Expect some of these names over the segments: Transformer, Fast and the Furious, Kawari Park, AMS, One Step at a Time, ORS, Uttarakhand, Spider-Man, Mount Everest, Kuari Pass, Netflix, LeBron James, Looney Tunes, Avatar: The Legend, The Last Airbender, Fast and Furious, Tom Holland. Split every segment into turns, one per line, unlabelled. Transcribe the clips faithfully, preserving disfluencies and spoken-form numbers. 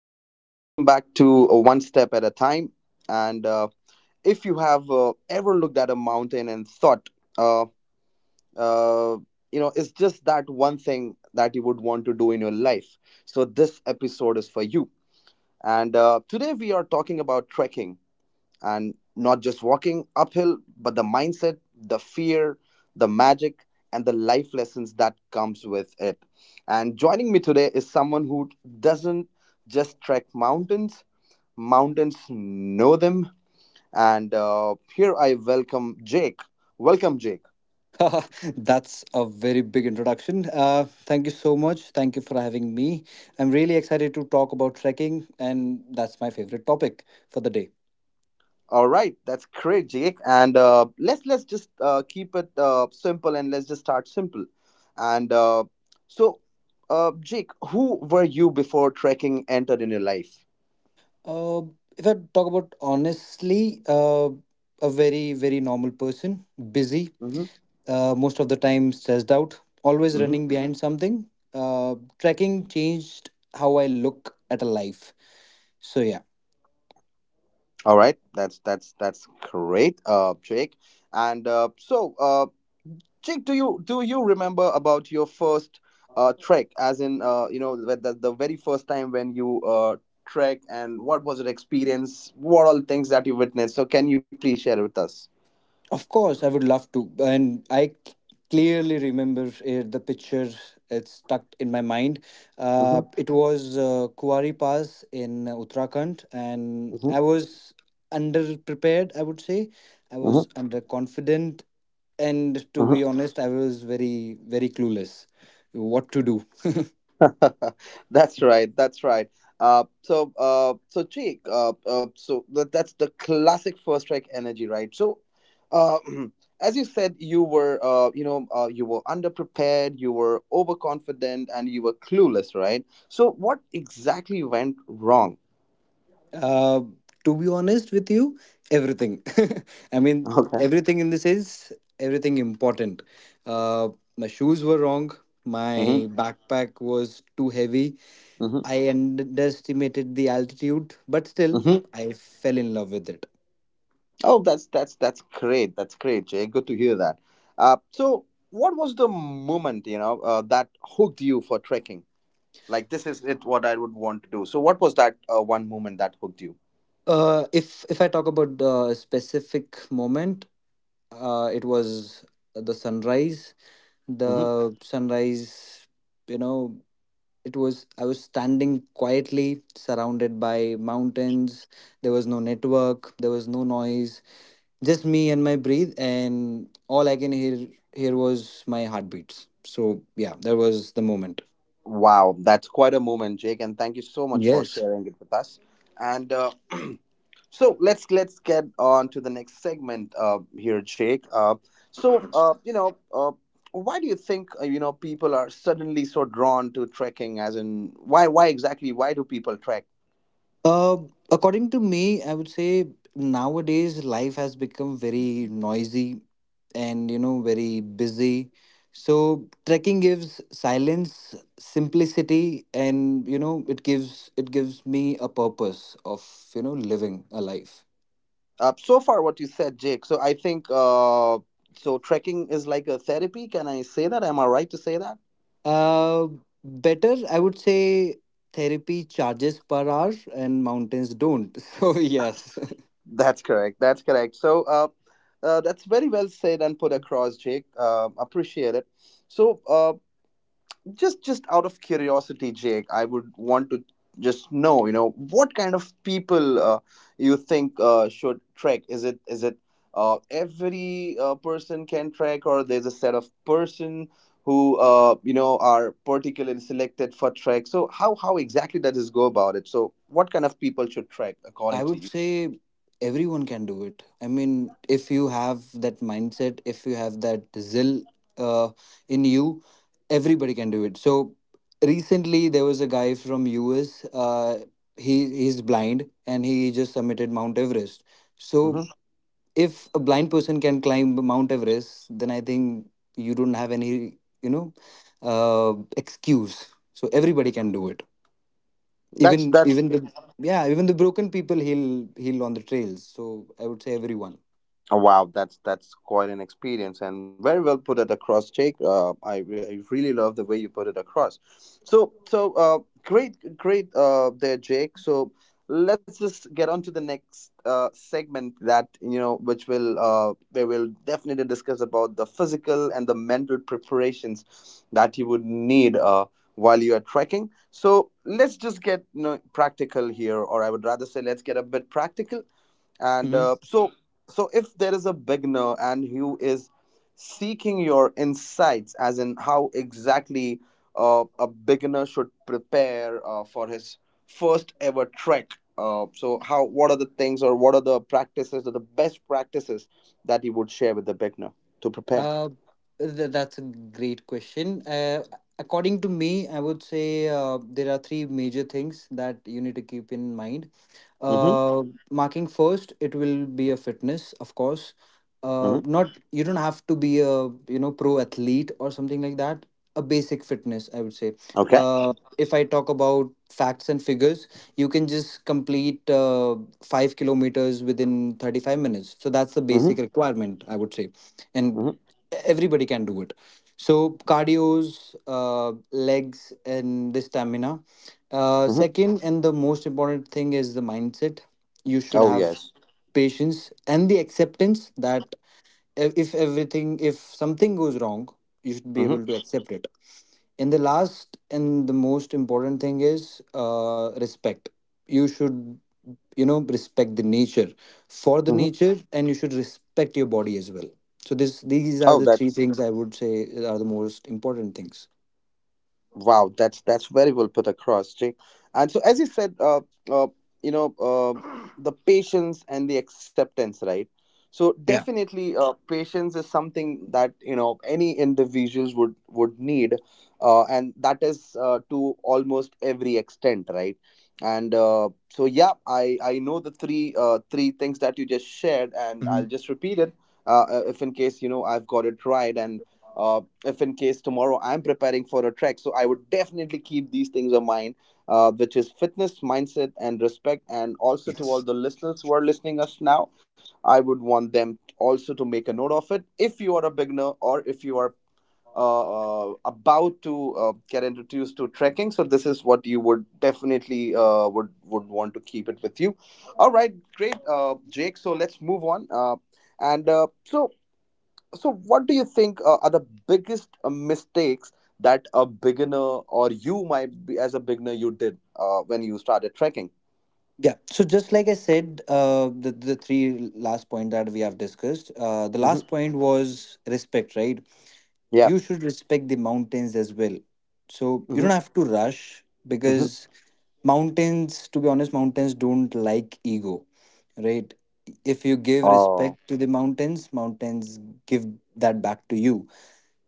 And welcome back to uh, One Step at a Time. And uh, If you have uh, ever looked at a mountain and thought, uh, uh, you know, it's just that one thing that you would want to do in your life. So, this episode is for you. And uh, today we are talking about trekking and not just walking uphill, but the mindset, the fear, the magic, and the life lessons that comes with it. And joining me today is someone who doesn't just trek mountains; mountains know them. And uh, here I welcome Jake. Welcome, Jake.
That's a very big introduction. Uh, thank you so much. Thank you for having me. I'm really excited to talk about trekking, and that's my favorite topic for the day.
All right, that's great, Jake. And uh, let's let's just uh, keep it uh, simple and let's just start simple. And uh, so, uh, Jake, who were you before trekking entered in your life?
Uh, if I talk about honestly, uh, a very, very normal person, busy,
Mm-hmm.
uh, most of the time stressed out, always
Mm-hmm.
running behind something. Uh, trekking changed how I look at a life. So, yeah.
All right, that's that's that's great, uh, Jake. And uh, so, uh, Chick, do you do you remember about your first uh, trek, as in uh, you know the, the the very first time when you uh, trek, and what was your experience? What all things that you witnessed? So can you please share with us?
Of course, I would love to. And I c- clearly remember uh, the picture. It's stuck in my mind. Uh,
Mm-hmm,
it was uh, Kuwari Pass in Uttarakhand, and
mm-hmm,
I was underprepared, I would say. I was
mm-hmm,
underconfident, and to be honest, I was very, very clueless what to do.
that's right. That's right. Uh, so, uh, so Jake. uh, uh, so that, that's the classic first strike energy, right? So, uh, as you said, you were, uh, you know, uh, you were underprepared, you were overconfident, and you were clueless, right? So, what exactly went wrong?
Uh, to be honest with you, everything. I mean,
Okay.
everything in the sense, everything important. Uh, my shoes were wrong. My
Mm-hmm.
backpack was too heavy.
Mm-hmm.
I underestimated the altitude, but still,
Mm-hmm.
I fell in love with it.
Oh, that's that's that's great. That's great, Jay. Good to hear that. Uh, so, what was the moment, you know, uh, that hooked you for trekking? Like this is it what I would want to do. So what was that uh, one moment that hooked you?
Uh, if if I talk about a specific moment, uh, it was the sunrise.
Hmm.
The sunrise, you know, it was i was standing quietly surrounded by mountains. There was no network, there was no noise, just me and my breathe, and all I can hear here was my heartbeats. So yeah, that was the moment.
Wow, that's quite a moment, Jake, and thank you so much for
Yes.
sharing it with us. And uh, so let's let's get on to the next segment uh, here, Jake. Uh, so uh, you know, uh, why do you think uh, you know people are suddenly so drawn to trekking? As in, why why exactly? Why do people trek?
Uh, According to me, I would say nowadays life has become very noisy and, you know, very busy. So trekking gives silence, simplicity, and, you know, it gives it gives me a purpose of, you know, living a life.
Uh, so far, what you said, Jake. So I think uh, so. Trekking is like a therapy. Can I say that? Am I right to say that?
Uh, Better I would say, therapy charges per hour and mountains don't. So yes.
That's correct. That's correct. So uh, uh, that's very well said and put across, Jake. Uh, appreciate it. So uh, just just out of curiosity Jake I would want to just know you know what kind of people uh, you think uh, should trek is it is it uh, every uh, person can trek or there's a set of person who uh, you know are particularly selected for trek so how how exactly does this go about it so what kind of people should trek according
I
to
would
you.
say everyone can do it. I mean, if you have that mindset, if you have that zeal uh, in you, everybody can do it. So recently there was a guy from U S. Uh, he he's blind and he just submitted Mount Everest. So
Hmm.
if a blind person can climb Mount Everest, then I think you don't have any, you know, uh, excuse. So everybody can do it, even
That's that's.
even the yeah, even the broken people heal heal on the trails. So I would say everyone.
Oh, wow, that's that's quite an experience, and very well put it across, Jake. Uh, I, re- I really love the way you put it across. So so uh, great great uh, there, Jake. So let's just get on to the next uh, segment that you know, which will uh, we will definitely discuss about the physical and the mental preparations that you would need uh, while you are trekking. So let's just get you know, practical here, or I would rather say, let's get a bit practical. And
Hmm.
uh, so so if there is a beginner and who is seeking your insights as in how exactly uh, a beginner should prepare uh, for his first ever trek uh, so how what are the things or what are the practices or the best practices that you would share with the beginner to prepare.
Uh th- that's a great question. Uh according to me, I would say uh, there are three major things that you need to keep in mind.
Mm-hmm,
uh Marking first, it will be a fitness, of course.
mm-hmm.
Uh not You don't have to be a, you know, pro athlete or something like that. A basic fitness, I would say.
Okay.
Uh if I talk about facts and figures, you can just complete uh, five kilometers within thirty-five minutes. So that's the basic
Mm-hmm,
requirement, I would say. And
mm-hmm,
everybody can do it. So, cardio's uh, legs and the stamina. Uh,
mm-hmm.
second, and the most important thing is the mindset. You should
Oh
have
yes.
patience and the acceptance that if if everything, if something goes wrong, you should be
Mm-hmm,
able to accept it. And the last and the most important thing is uh, respect. You should, you know, respect the nature, for the nature,
mm-hmm.
and you should respect your body as well. So this these are
Oh
the three
that's.
things, I would say, are the most important things.
Wow, that's that's very well put across, Jake. And so, as you said, uh, uh, you know, uh, the patience and the acceptance, right? So
Yeah.
definitely, uh, patience is something that you know any individuals would would need, uh, and that is uh, to almost every extent, right? And uh, so, yeah, I I know the three uh, three things that you just shared, and I'll just repeat it, uh, uh, if in case you know I've got it right and. Uh, if in case tomorrow I'm preparing for a trek. So I would definitely keep these things in mind, uh, which is fitness, mindset, and respect. And also to
Mhm.
all the listeners who are listening us now, I would want them also to make a note of it. If you are a beginner or if you are uh, uh, about to uh, get introduced to trekking, so this is what you would definitely uh, would would want to keep it with you. All right, great, uh, Jake. So let's move on. Uh, and uh, so so, what do you think uh, are the biggest uh, mistakes that a beginner or you might be as a beginner you did uh, when you started trekking?
Yeah. So just like I said, uh, the the three last point that we have discussed. Uh, the last
Hmm.
point was respect, right?
Yeah.
You should respect the mountains as well. So you don't
Mm-hmm.
have to rush
Mm-hmm.
because mountains, to be honest, mountains don't like ego, right? If you give
Oh.
respect to the mountains, mountains give that back to you.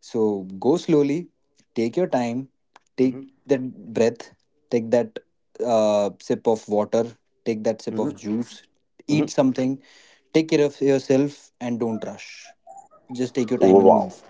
So go slowly, take your time, take
Mm-hmm.
that breath, take that uh, sip of water, take that sip of
Mm-hmm.
juice, eat
Mm-hmm.
something, take care of yourself, and don't rush. Just take your time and
Wow.
move.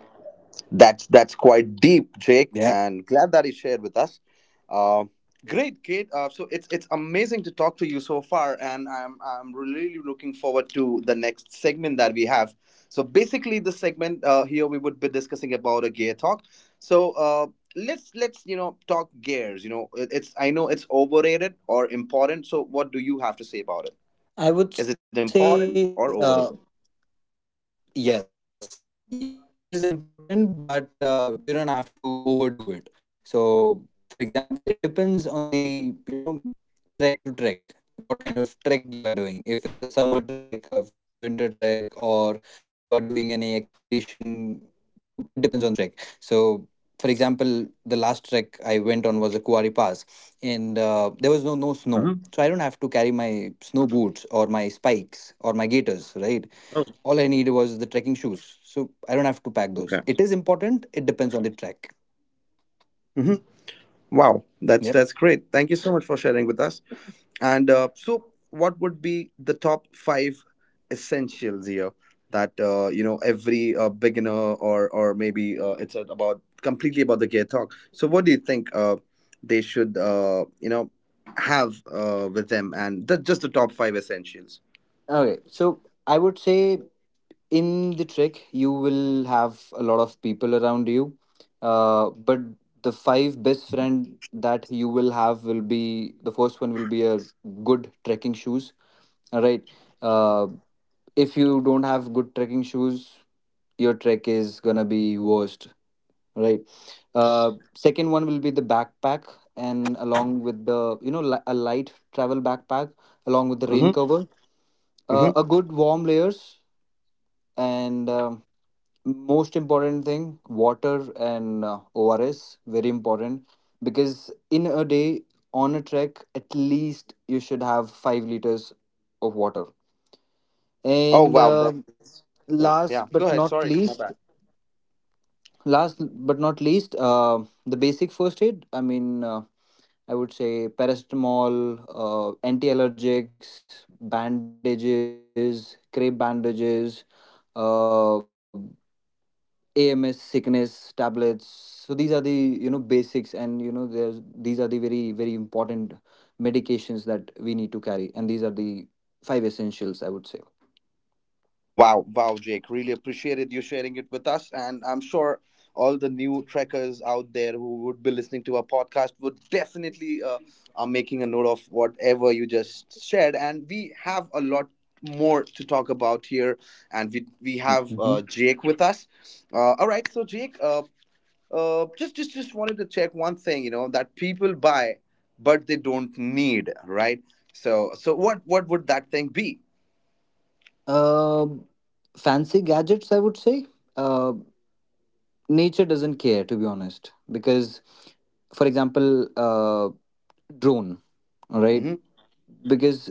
That's that's quite deep, Jake,
Yeah.
and glad that you shared with us. Uh, great, Kate. Uh, so it's it's amazing to talk to you so far, and I'm I'm really looking forward to the next segment that we have. So basically, the segment uh, here we would be discussing about a gear talk. So uh, let's let's you know talk gears. You know, it- it's I know it's overrated or important. So what do you have to say about it?
I
Is it
would
important
say.
or
Uh,
overrated?
Yes, yes, it is important, but uh, you don't have to overdo it. So, for example, it depends on the, you know, trek to trek, what kind of trek you are doing. If it's a summer trek, or if it's a winter trek, or you are doing any expedition. So, it depends on the trek. So, for example, the last trek I went on was a Kuari Pass, and uh, there was no no snow. So I don't have to
Hmm.
carry my snow boots or my spikes or my gaiters, right? All I need was
Oh,
the trekking shoes. So I don't have to pack those. It is important.
okay.
It depends on the trek. Yep.
Wow, that's that's great. Thank you so much for sharing with us. And uh, so, what would be the top five essentials here that uh, you know every uh, beginner or or maybe uh, it's about completely about the gear talk. So, what do you think uh, they should uh, you know have uh, with them and the, just the top five essentials?
Okay. So I would say in the trek, you will have a lot of people around you. Uh, but the five best friend that you will have will be the first one will be a good trekking shoes. All right. Uh, if you don't have good trekking shoes, your trek is gonna be worst. Right. Uh, second one will be the backpack, and along with the, you know, li a light travel backpack, along with the rain
Mm-hmm.
cover, uh, a
Mm-hmm.
good warm layers, and um most important thing, water and uh, O R S, very important because in a day on a trek, at least you should have five liters of water.
Oh
And
wow,
uh,
that's great. Yeah, go
last
ahead.
but
Sorry, my
not
bad.
least, last but not least, uh, the basic first aid. I mean, uh, I would say paracetamol, uh, anti-allergics, bandages, crepe bandages, uh, A M S sickness tablets. So these are the, you know, basics, and you know there's these are the very very important medications that we need to carry, and these are the five essentials, I would say.
Wow, wow, Jake. Really appreciated you sharing it with us. And I'm sure all the new trekkers out there who would be listening to our podcast would definitely uh, are making a note of whatever you just shared. And we have a lot more to talk about here. And we, we have
Mhm.
uh, Jake with us. Uh, all right. So, Jake, uh, uh, just, just, just wanted to check one thing, you know, that people buy, but they don't need, right? So, so what, what would that thing be?
Uh, Fancy gadgets, I would say. Uh, Nature doesn't care, to be honest, because for example uh drone, all right,
Mm-hmm.
because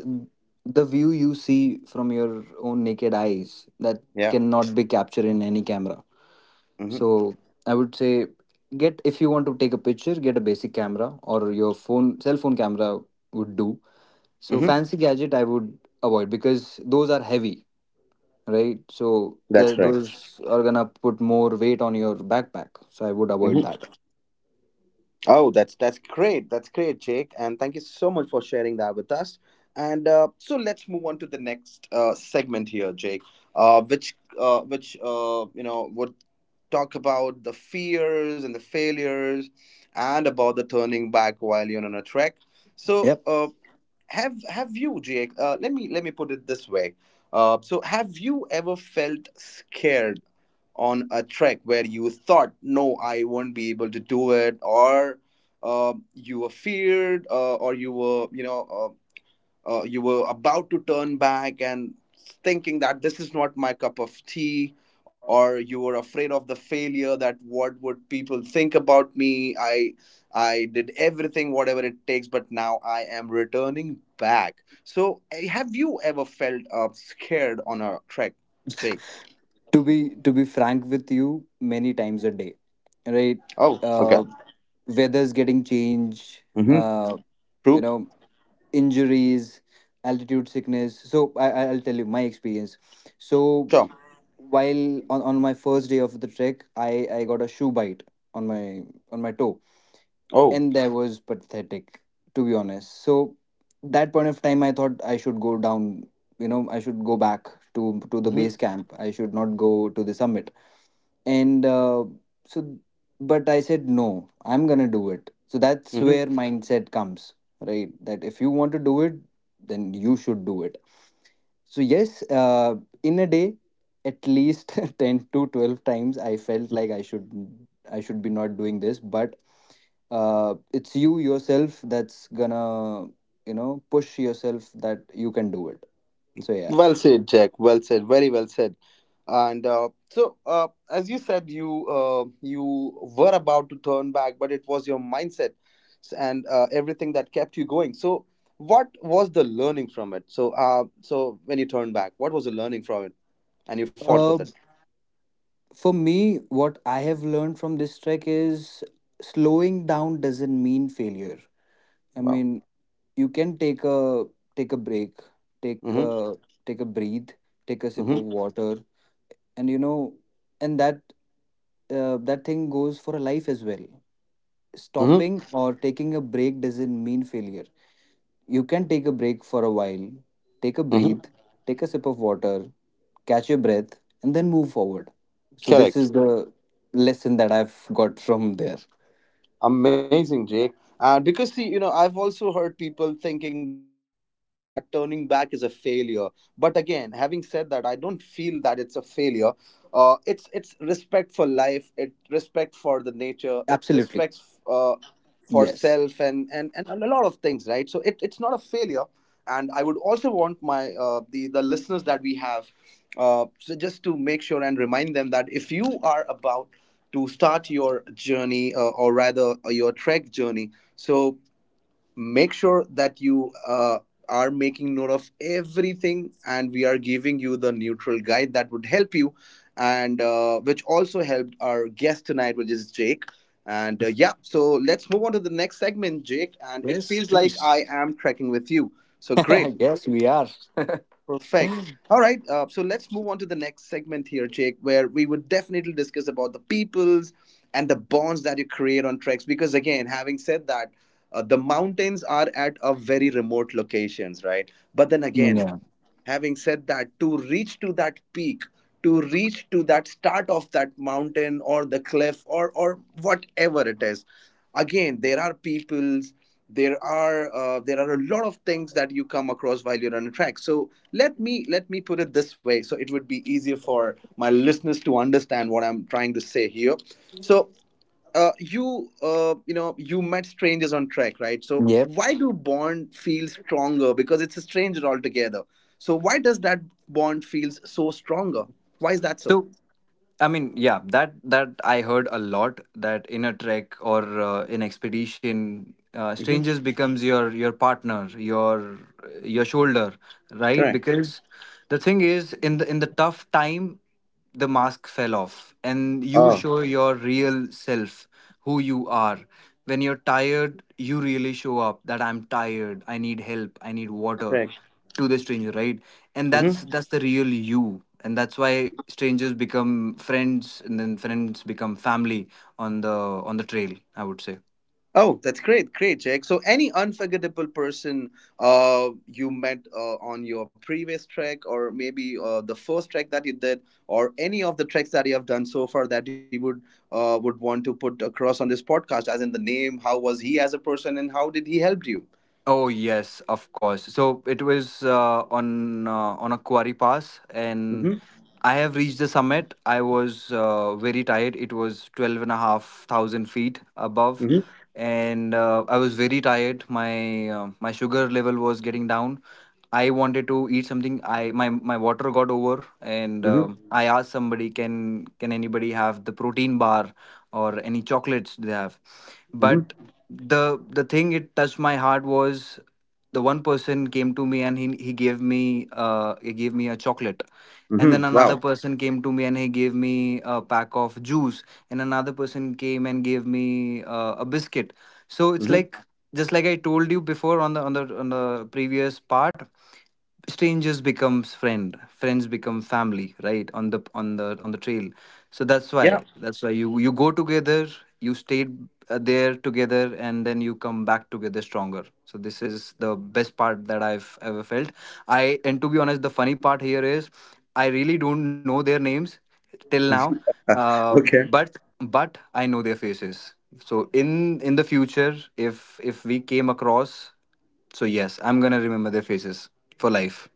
the view you see from your own naked eyes that
Yeah.
cannot be captured in any camera.
Mm-hmm.
So I would say, get, if you want to take a picture, get a basic camera or your phone cell phone camera would do. So
Mm-hmm.
fancy gadget, I would avoid because those are heavy, right? So
That's
the,
correct.
those are gonna put more weight on your backpack. So I would avoid
Hmm.
that.
Oh, that's that's great. That's great, Jake. And thank you so much for sharing that with us. And uh, so let's move on to the next uh, segment here, Jake. Uh, which uh, which uh, you know would talk about the fears and the failures, and about the turning back while you're on a trek. So
Yep.
uh, have have you, Jake? Uh, let me let me put it this way. Uh, so have you ever felt scared on a trek where you thought, no, I won't be able to do it, or uh, you were feared, uh, or you were, you know, uh, uh, you were about to turn back and thinking that this is not my cup of tea, or you were afraid of the failure that what would people think about me? I I did everything, whatever it takes, but now I am returning back. So, eh, have you ever felt uh, scared on a trek, Jake?
To be to be frank with you, many times a day, right?
Oh,
Uh,
okay.
Weather's getting changed.
Mm-hmm.
Uh, you
True.
know, injuries, altitude sickness. So I I- I'll tell you my experience. So
Sure.
while on, on my first day of the trek, I I got a shoe bite on my on my toe.
Oh.
And endeavor was pathetic, to be honest. So that point of time, I thought I should go down. You know, I should go back to to the
Hmm.
base camp. I should not go to the summit. And uh, so, but I said no. I'm gonna do it. So that's where
Hmm.
mindset comes, right? That if you want to do it, then you should do it. So yes, uh, in a day, at least ten to twelve times, I felt like I should I should be not doing this, but uh, it's you yourself that's gonna, you know, push yourself that you can do it. So yeah.
Well said, Jack. Well said. Very well said. And uh, so, uh, as you said, you uh, you were about to turn back, but it was your mindset s- and uh, everything that kept you going. So, what was the learning from it? So, uh, so when you turned back, what was the learning from it, and you fought with
Uh,
it?
for me, what I have learned from this trek is slowing down doesn't mean failure. I
Wow.
mean, you can take a take a break, take
Mm-hmm.
a take a breathe, take a sip of
Mm-hmm.
water, and you know, and that uh, that thing goes for a life as well. Stopping
Mm-hmm.
or taking a break doesn't mean failure. You can take a break for a while, take a
Mm-hmm.
breathe, take a sip of water, catch your breath, and then move forward. So this
Correct.
is the lesson that I've got from there.
Amazing, Jake. And because see, you know, I've also heard people thinking that turning back is a failure. But again, having said that, I don't feel that it's a failure. Uh, it's it's respect for life. It respect for the nature. It
Absolutely.
respects uh, for
Yes.
self and, and and a lot of things, right? So it, it's not a failure. And I would also want my uh, the the listeners that we have, uh, so just to make sure and remind them that if you are about to start your journey uh, or rather uh, your trek journey so make sure that you uh, are making note of everything and we are giving you the neutral guide that would help you and uh, which also helped our guest tonight which is Jake. And uh, yeah so let's move to the next segment Jake and it
Yes,
feels like
please.
I am trekking with you so great.
Yes, we are.
Perfect. All right. Uh, so let's move on to the next segment here, Jake, where we would definitely discuss about the peoples and the bonds that you create on treks. Because again, having said that, uh, the mountains are at a very remote locations, right? But then again,
Yeah.
having said that, to reach to that peak, to reach to that start of that mountain or the cliff or or whatever it is, again there are peoples, there are uh, there are a lot of things that you come across while you're on a track. So let me let me put it this way, so it would be easier for my listeners to understand what I'm trying to say here. So uh, you uh, you know, you met strangers on trek, right? So
Yep.
why do bond feel stronger? Because it's a stranger altogether. So why does that bond feels so stronger? Why is that so?
So I mean, yeah, that that I heard a lot that in a trek or uh, in expedition, uh, strangers
Hmm.
becomes your your partner, your your shoulder, right?
Correct.
Because the thing is, in the in the tough time, the mask fell off, and you
Oh,
show your real self, who you are. When you're tired, you really show up that I'm tired, I need help, I need water
correct.
to the stranger, right? And
Hmm.
that's that's the real you, and that's why strangers become friends and then friends become family on the on the trail, I would say.
Oh, that's great, great, Jake. So, any unforgettable person uh, you met uh, on your previous trek, or maybe uh, the first trek that you did, or any of the treks that you have done so far that you would uh, would want to put across on this podcast, as in the name, how was he as a person, and how did he help you?
Oh yes, of course. So it was uh, on uh, on a quarry pass, and
Mm-hmm.
I have reached the summit. I was uh, very tired. It was twelve thousand five hundred feet above.
Mm-hmm.
And uh, I was very tired. My uh, my sugar level was getting down. I wanted to eat something. I My, my water got over, and um,
Mm-hmm.
I asked somebody, can can anybody have the protein bar or any chocolates they have? But
Mm-hmm.
the the thing it touched my heart was the one person came to me and he he gave me uh he gave me a chocolate. And then
Mm-hmm.
another
Wow.
person came to me and he gave me a pack of juice. And another person came and gave me uh, a biscuit. So it's
Mm-hmm.
like, just like I told you before on the on the on the previous part, strangers becomes friend, friends become family, right, on the on the on the trail. So that's why
Yeah.
that's why you you go together, you stayed uh, there together, and then you come back together stronger. So this is the best part that I've ever felt. I and To be honest, the funny part here is I really don't know their names till now. uh,
Okay.
but but I know their faces. So in in the future, if if we came across, so yes, I'm gonna remember their faces for life.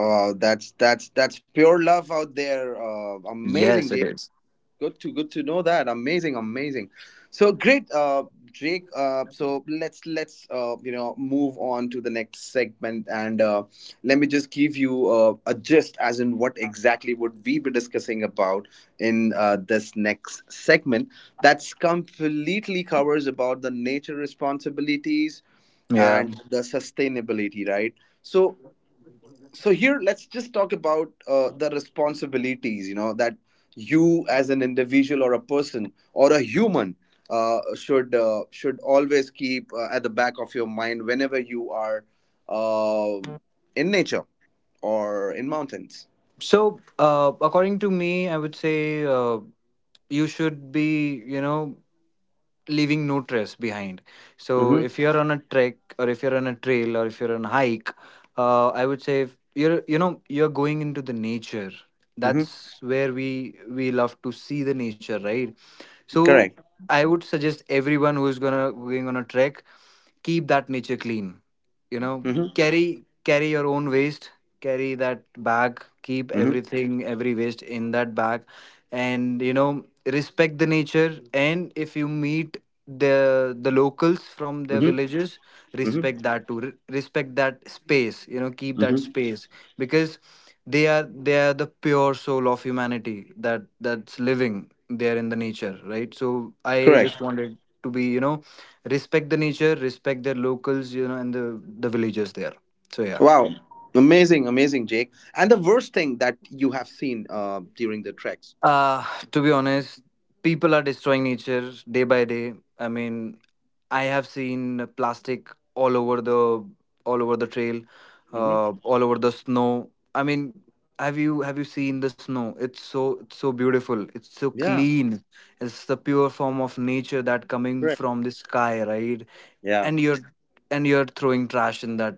Uh, that's that's that's pure love out there. Uh, amazing,
Yes, it
Jake.
is.
Good to good to know that. Amazing, amazing. So great, uh, Jake. Uh, so let's let's uh, you know move on to the next segment, and uh, let me just give you uh, a gist as in what exactly would we be discussing about in uh, this next segment. That's completely covers about the nature responsibilities
Yeah.
and the sustainability, right? So so here let's just talk about uh, the responsibilities, you know, that you as an individual or a person or a human uh, should uh, should always keep uh, at the back of your mind whenever you are uh, in nature or in mountains.
So, uh, according to me, I would say, uh, you should be, you know, leaving no trace behind. So
Mm-hmm.
if you're on a trek or if you're on a trail or if you're on a hike, uh, I would say if you're you know you're going into the nature.
Mm-hmm.
That's where we we love to see the nature, right? So
Correct.
I would suggest everyone who is gonna going on a trek, keep that nature clean. You know,
Mm-hmm.
carry carry your own waste, carry that bag, keep
Mm-hmm.
everything every waste in that bag, and you know respect the nature. And if you meet the the locals from their
Mm-hmm.
villages,
Mm-hmm.
respect that too. Re- respect that space, you know keep that
Mm-hmm.
space, because they are they are the pure soul of humanity that that's living there in the nature, right? So I
Correct.
just wanted to be, you know respect the nature, respect their locals, you know and the the villagers there. So yeah.
Wow. Amazing, amazing, Jake. And the worst thing that you have seen uh, during the treks?
Uh, to be honest, people are destroying nature day by day. I mean, I have seen plastic all over the all over the trail,
Mm-hmm.
uh, all over the snow. I mean, have you have you seen the snow? It's so it's so beautiful. It's so
Yeah.
clean. It's the pure form of nature that coming
Correct.
from the sky, right?
Yeah.
And you're and you're throwing trash in that,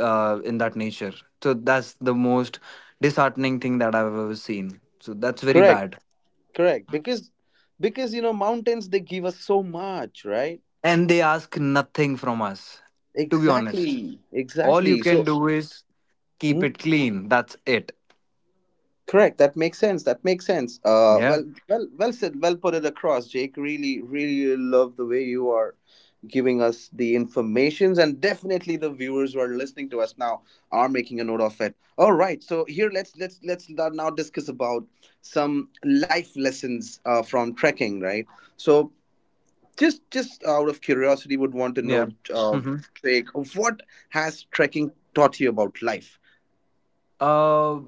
uh, in that nature. So that's the most disheartening thing that I've ever seen. So that's very
Correct.
bad.
Correct. Because because you know mountains they give us so much, right?
And they ask nothing from us, to be honest.
Exactly.
All you
Exactly. So,
can do is keep it
mhm,
clean. That's it.
correct. That makes sense. That makes sense. Uh
Yeah.
well well well said, well put it across, Jake. Really, really love the way you are giving us the informations, and definitely the viewers who are listening to us now are making a note of it. All right. So here let's let's let's now discuss about some life lessons uh, from trekking, right? So, just just out of curiosity, would want to
Yeah.
know, uh
hmm
like, what has trekking taught you about life?
Uh,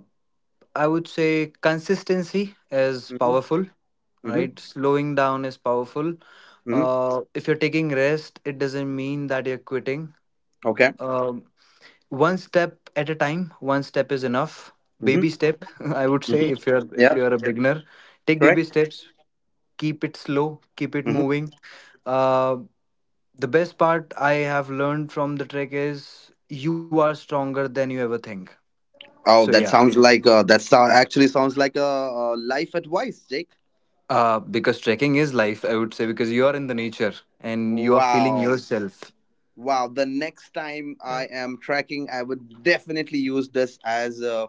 I would say consistency is
Mm-hmm.
powerful,
Mm-hmm.
right? Slowing down is powerful.
Mm-hmm.
Uh, if you're taking rest, it doesn't mean that you're quitting.
Okay.
Um one step at a time, one step is enough.
Mm-hmm.
Baby step. I would say
Mm-hmm.
if you're, if
Yeah.
you're a beginner, take baby
Correct.
steps. Keep it slow, keep it
Mm-hmm.
moving. Uh, the best part I have learned from the trek is you are stronger than you ever think. So
Oh,
yeah.
that sounds like, uh that sou- actually sounds like a, a life advice, Jake.
Uh, because trekking is life, I would say, because you are in the nature and you are feeling
Wow.
yourself.
Wow, the next time I am tracking, I would definitely use this as a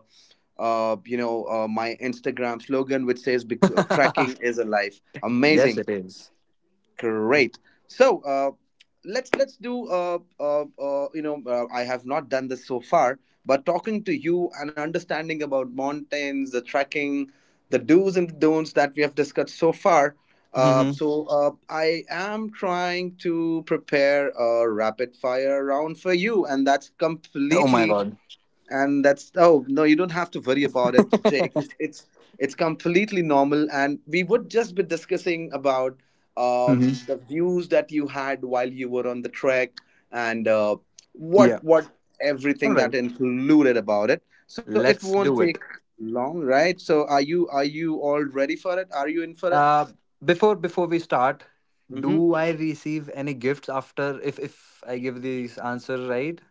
uh you know uh, my Instagram slogan, which says, because tracking is a life.
Yes,
Amazing.
it is.
Great. So uh, let's let's do, uh, uh, uh, you know uh, I have not done this so far, but talking to you and understanding about mountains, the trekking, the do's and the don'ts that we have discussed so far. Uh,
Mhm.
so uh, I am trying to prepare a rapid fire round for you, and that's
Oh my
completely,
God.
and that's... oh no, you don't have to worry about it, Jake. it's it's it's completely normal, and we would just be discussing about uh,
Mhm.
the views that you had while you were on the trek and uh, what
Yeah,
what
all
everything
right,
that included about it. So it
let's
won't
do
take
it.
long, right? So are you are you all ready for it? Are you in for it?
Uh, before before we start,
Mm-hmm.
do I receive any gifts after if if I give this answer, right?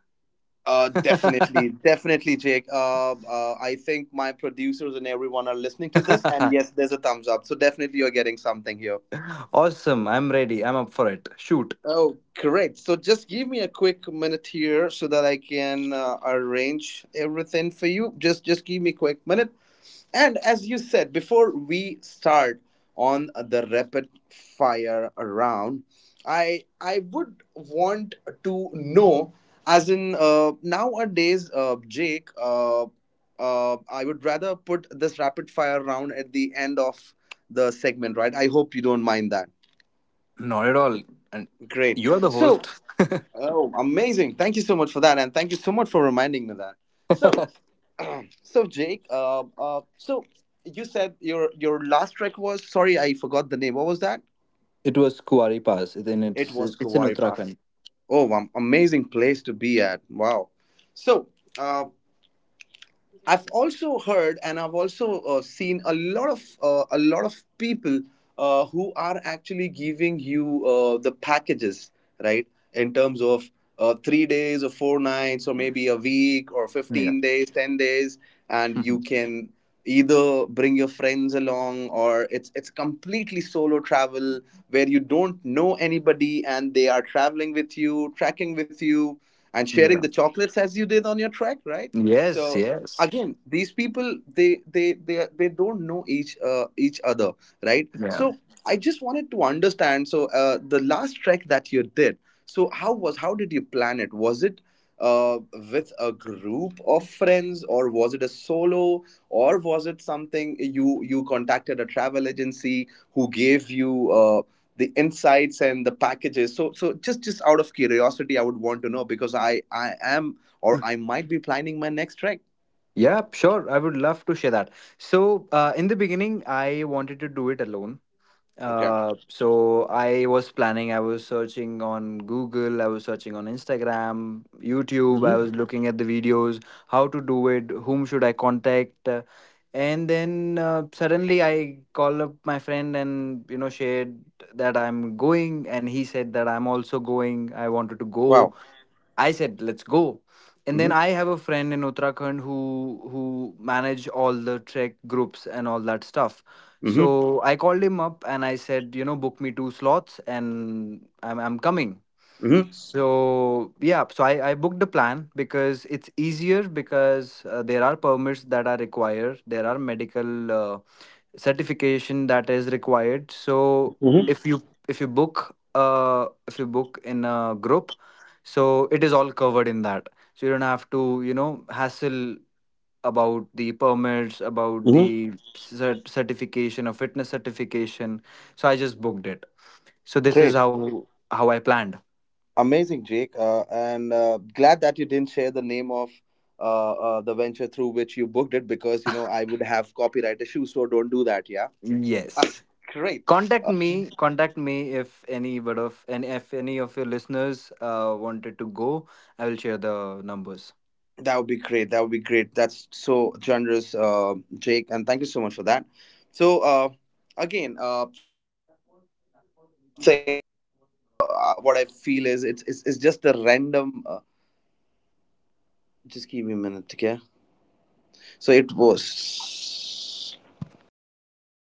Uh, definitely, definitely, Jake. Uh, uh, I think my producers and everyone are listening to this, and yes, there's a thumbs up. So definitely, you're getting something here.
Awesome, I'm ready. I'm up for it. Shoot.
Oh, correct. So just give me a quick minute here so that I can uh, arrange everything for you. Just just give me a quick minute. And as you said, before we start on the rapid fire round, I I would want to know as in uh, nowadays, uh, Jake, uh, uh, I would rather put this rapid fire round at the end of the segment, right? I hope you don't mind that.
Not at all. And
Great.
you are the host.
So... oh, amazing! Thank you so much for that, and thank you so much for reminding me that. So, so Jake, uh, uh, so you said your your last track was... sorry, I forgot the name. What was that?
It was Kuari Pass. Then
It
it's
was
it's in
Kawari Park.
Uttarakhand.
Oh, um, amazing place to be at! Wow. So, uh, I've also heard, and I've also uh, seen a lot of uh, a lot of people uh, who are actually giving you uh, the packages, right? In terms of uh, three days or four nights, or maybe a week or
Yeah.
fifteen days, ten days, and you
Mhm.
can either bring your friends along, or it's it's completely solo travel where you don't know anybody and they are traveling with you, tracking with you, and sharing
Yeah.
the chocolates as you did on your trek, right?
Yes.
So
Yes.
again, these people, they they they they don't know each uh, each other, right?
Yeah.
So I just wanted to understand. So, uh, the last trek that you did, so how was how did you plan it? Was it uh, with a group of friends, or was it a solo, or was it something you you contacted a travel agency who gave you uh, the insights and the packages? So so just just out of curiosity, I would want to know, because I I am, or I might be planning my next trek.
Yeah, sure. I would love to share that. So, uh, in the beginning, I wanted to do it alone.
Okay.
Uh, so I was planning, I was searching on Google, I was searching on Instagram, YouTube, I
Mm-hmm.
was looking at the videos, how to do it, whom should I contact. uh, And then, uh, suddenly I called up my friend and, you know, shared that I'm going. And he said that I'm also going. I wanted to go.
Wow.
I said, let's go. And then I
Mm-hmm.
have a friend in Uttarakhand who who manage all the trek groups and all that stuff.
Mm-hmm.
So I called him up and I said, you know, book me two slots and I'm I'm coming.
Mm-hmm.
So yeah, so I, I booked a plan because it's easier because, uh, there are permits that are required. There are medical, uh, certification that is required. So
Mm-hmm.
if you if you book uh if you book in a group, so it is all covered in that, so you don't have to, you know hassle about the permits, about
Mm-hmm.
the cert- certification or fitness certification. So I just booked it. So this is
Great.
how how I planned.
Amazing, Jake. Uh, and uh, Glad that you didn't share the name of uh, uh, the venture through which you booked it because, you know, I would have copyright issues. So don't do that. Yeah. Ah,
Yes,
great.
contact me contact me, if any but of and if any of your listeners uh wanted to go, I will share the numbers.
That would be great. That would be great. That's so generous, uh, Jake. And thank you so much for that. So, uh, again, uh, feel is it's it's, it's just a random. Uh, just give me a minute, okay? So it was.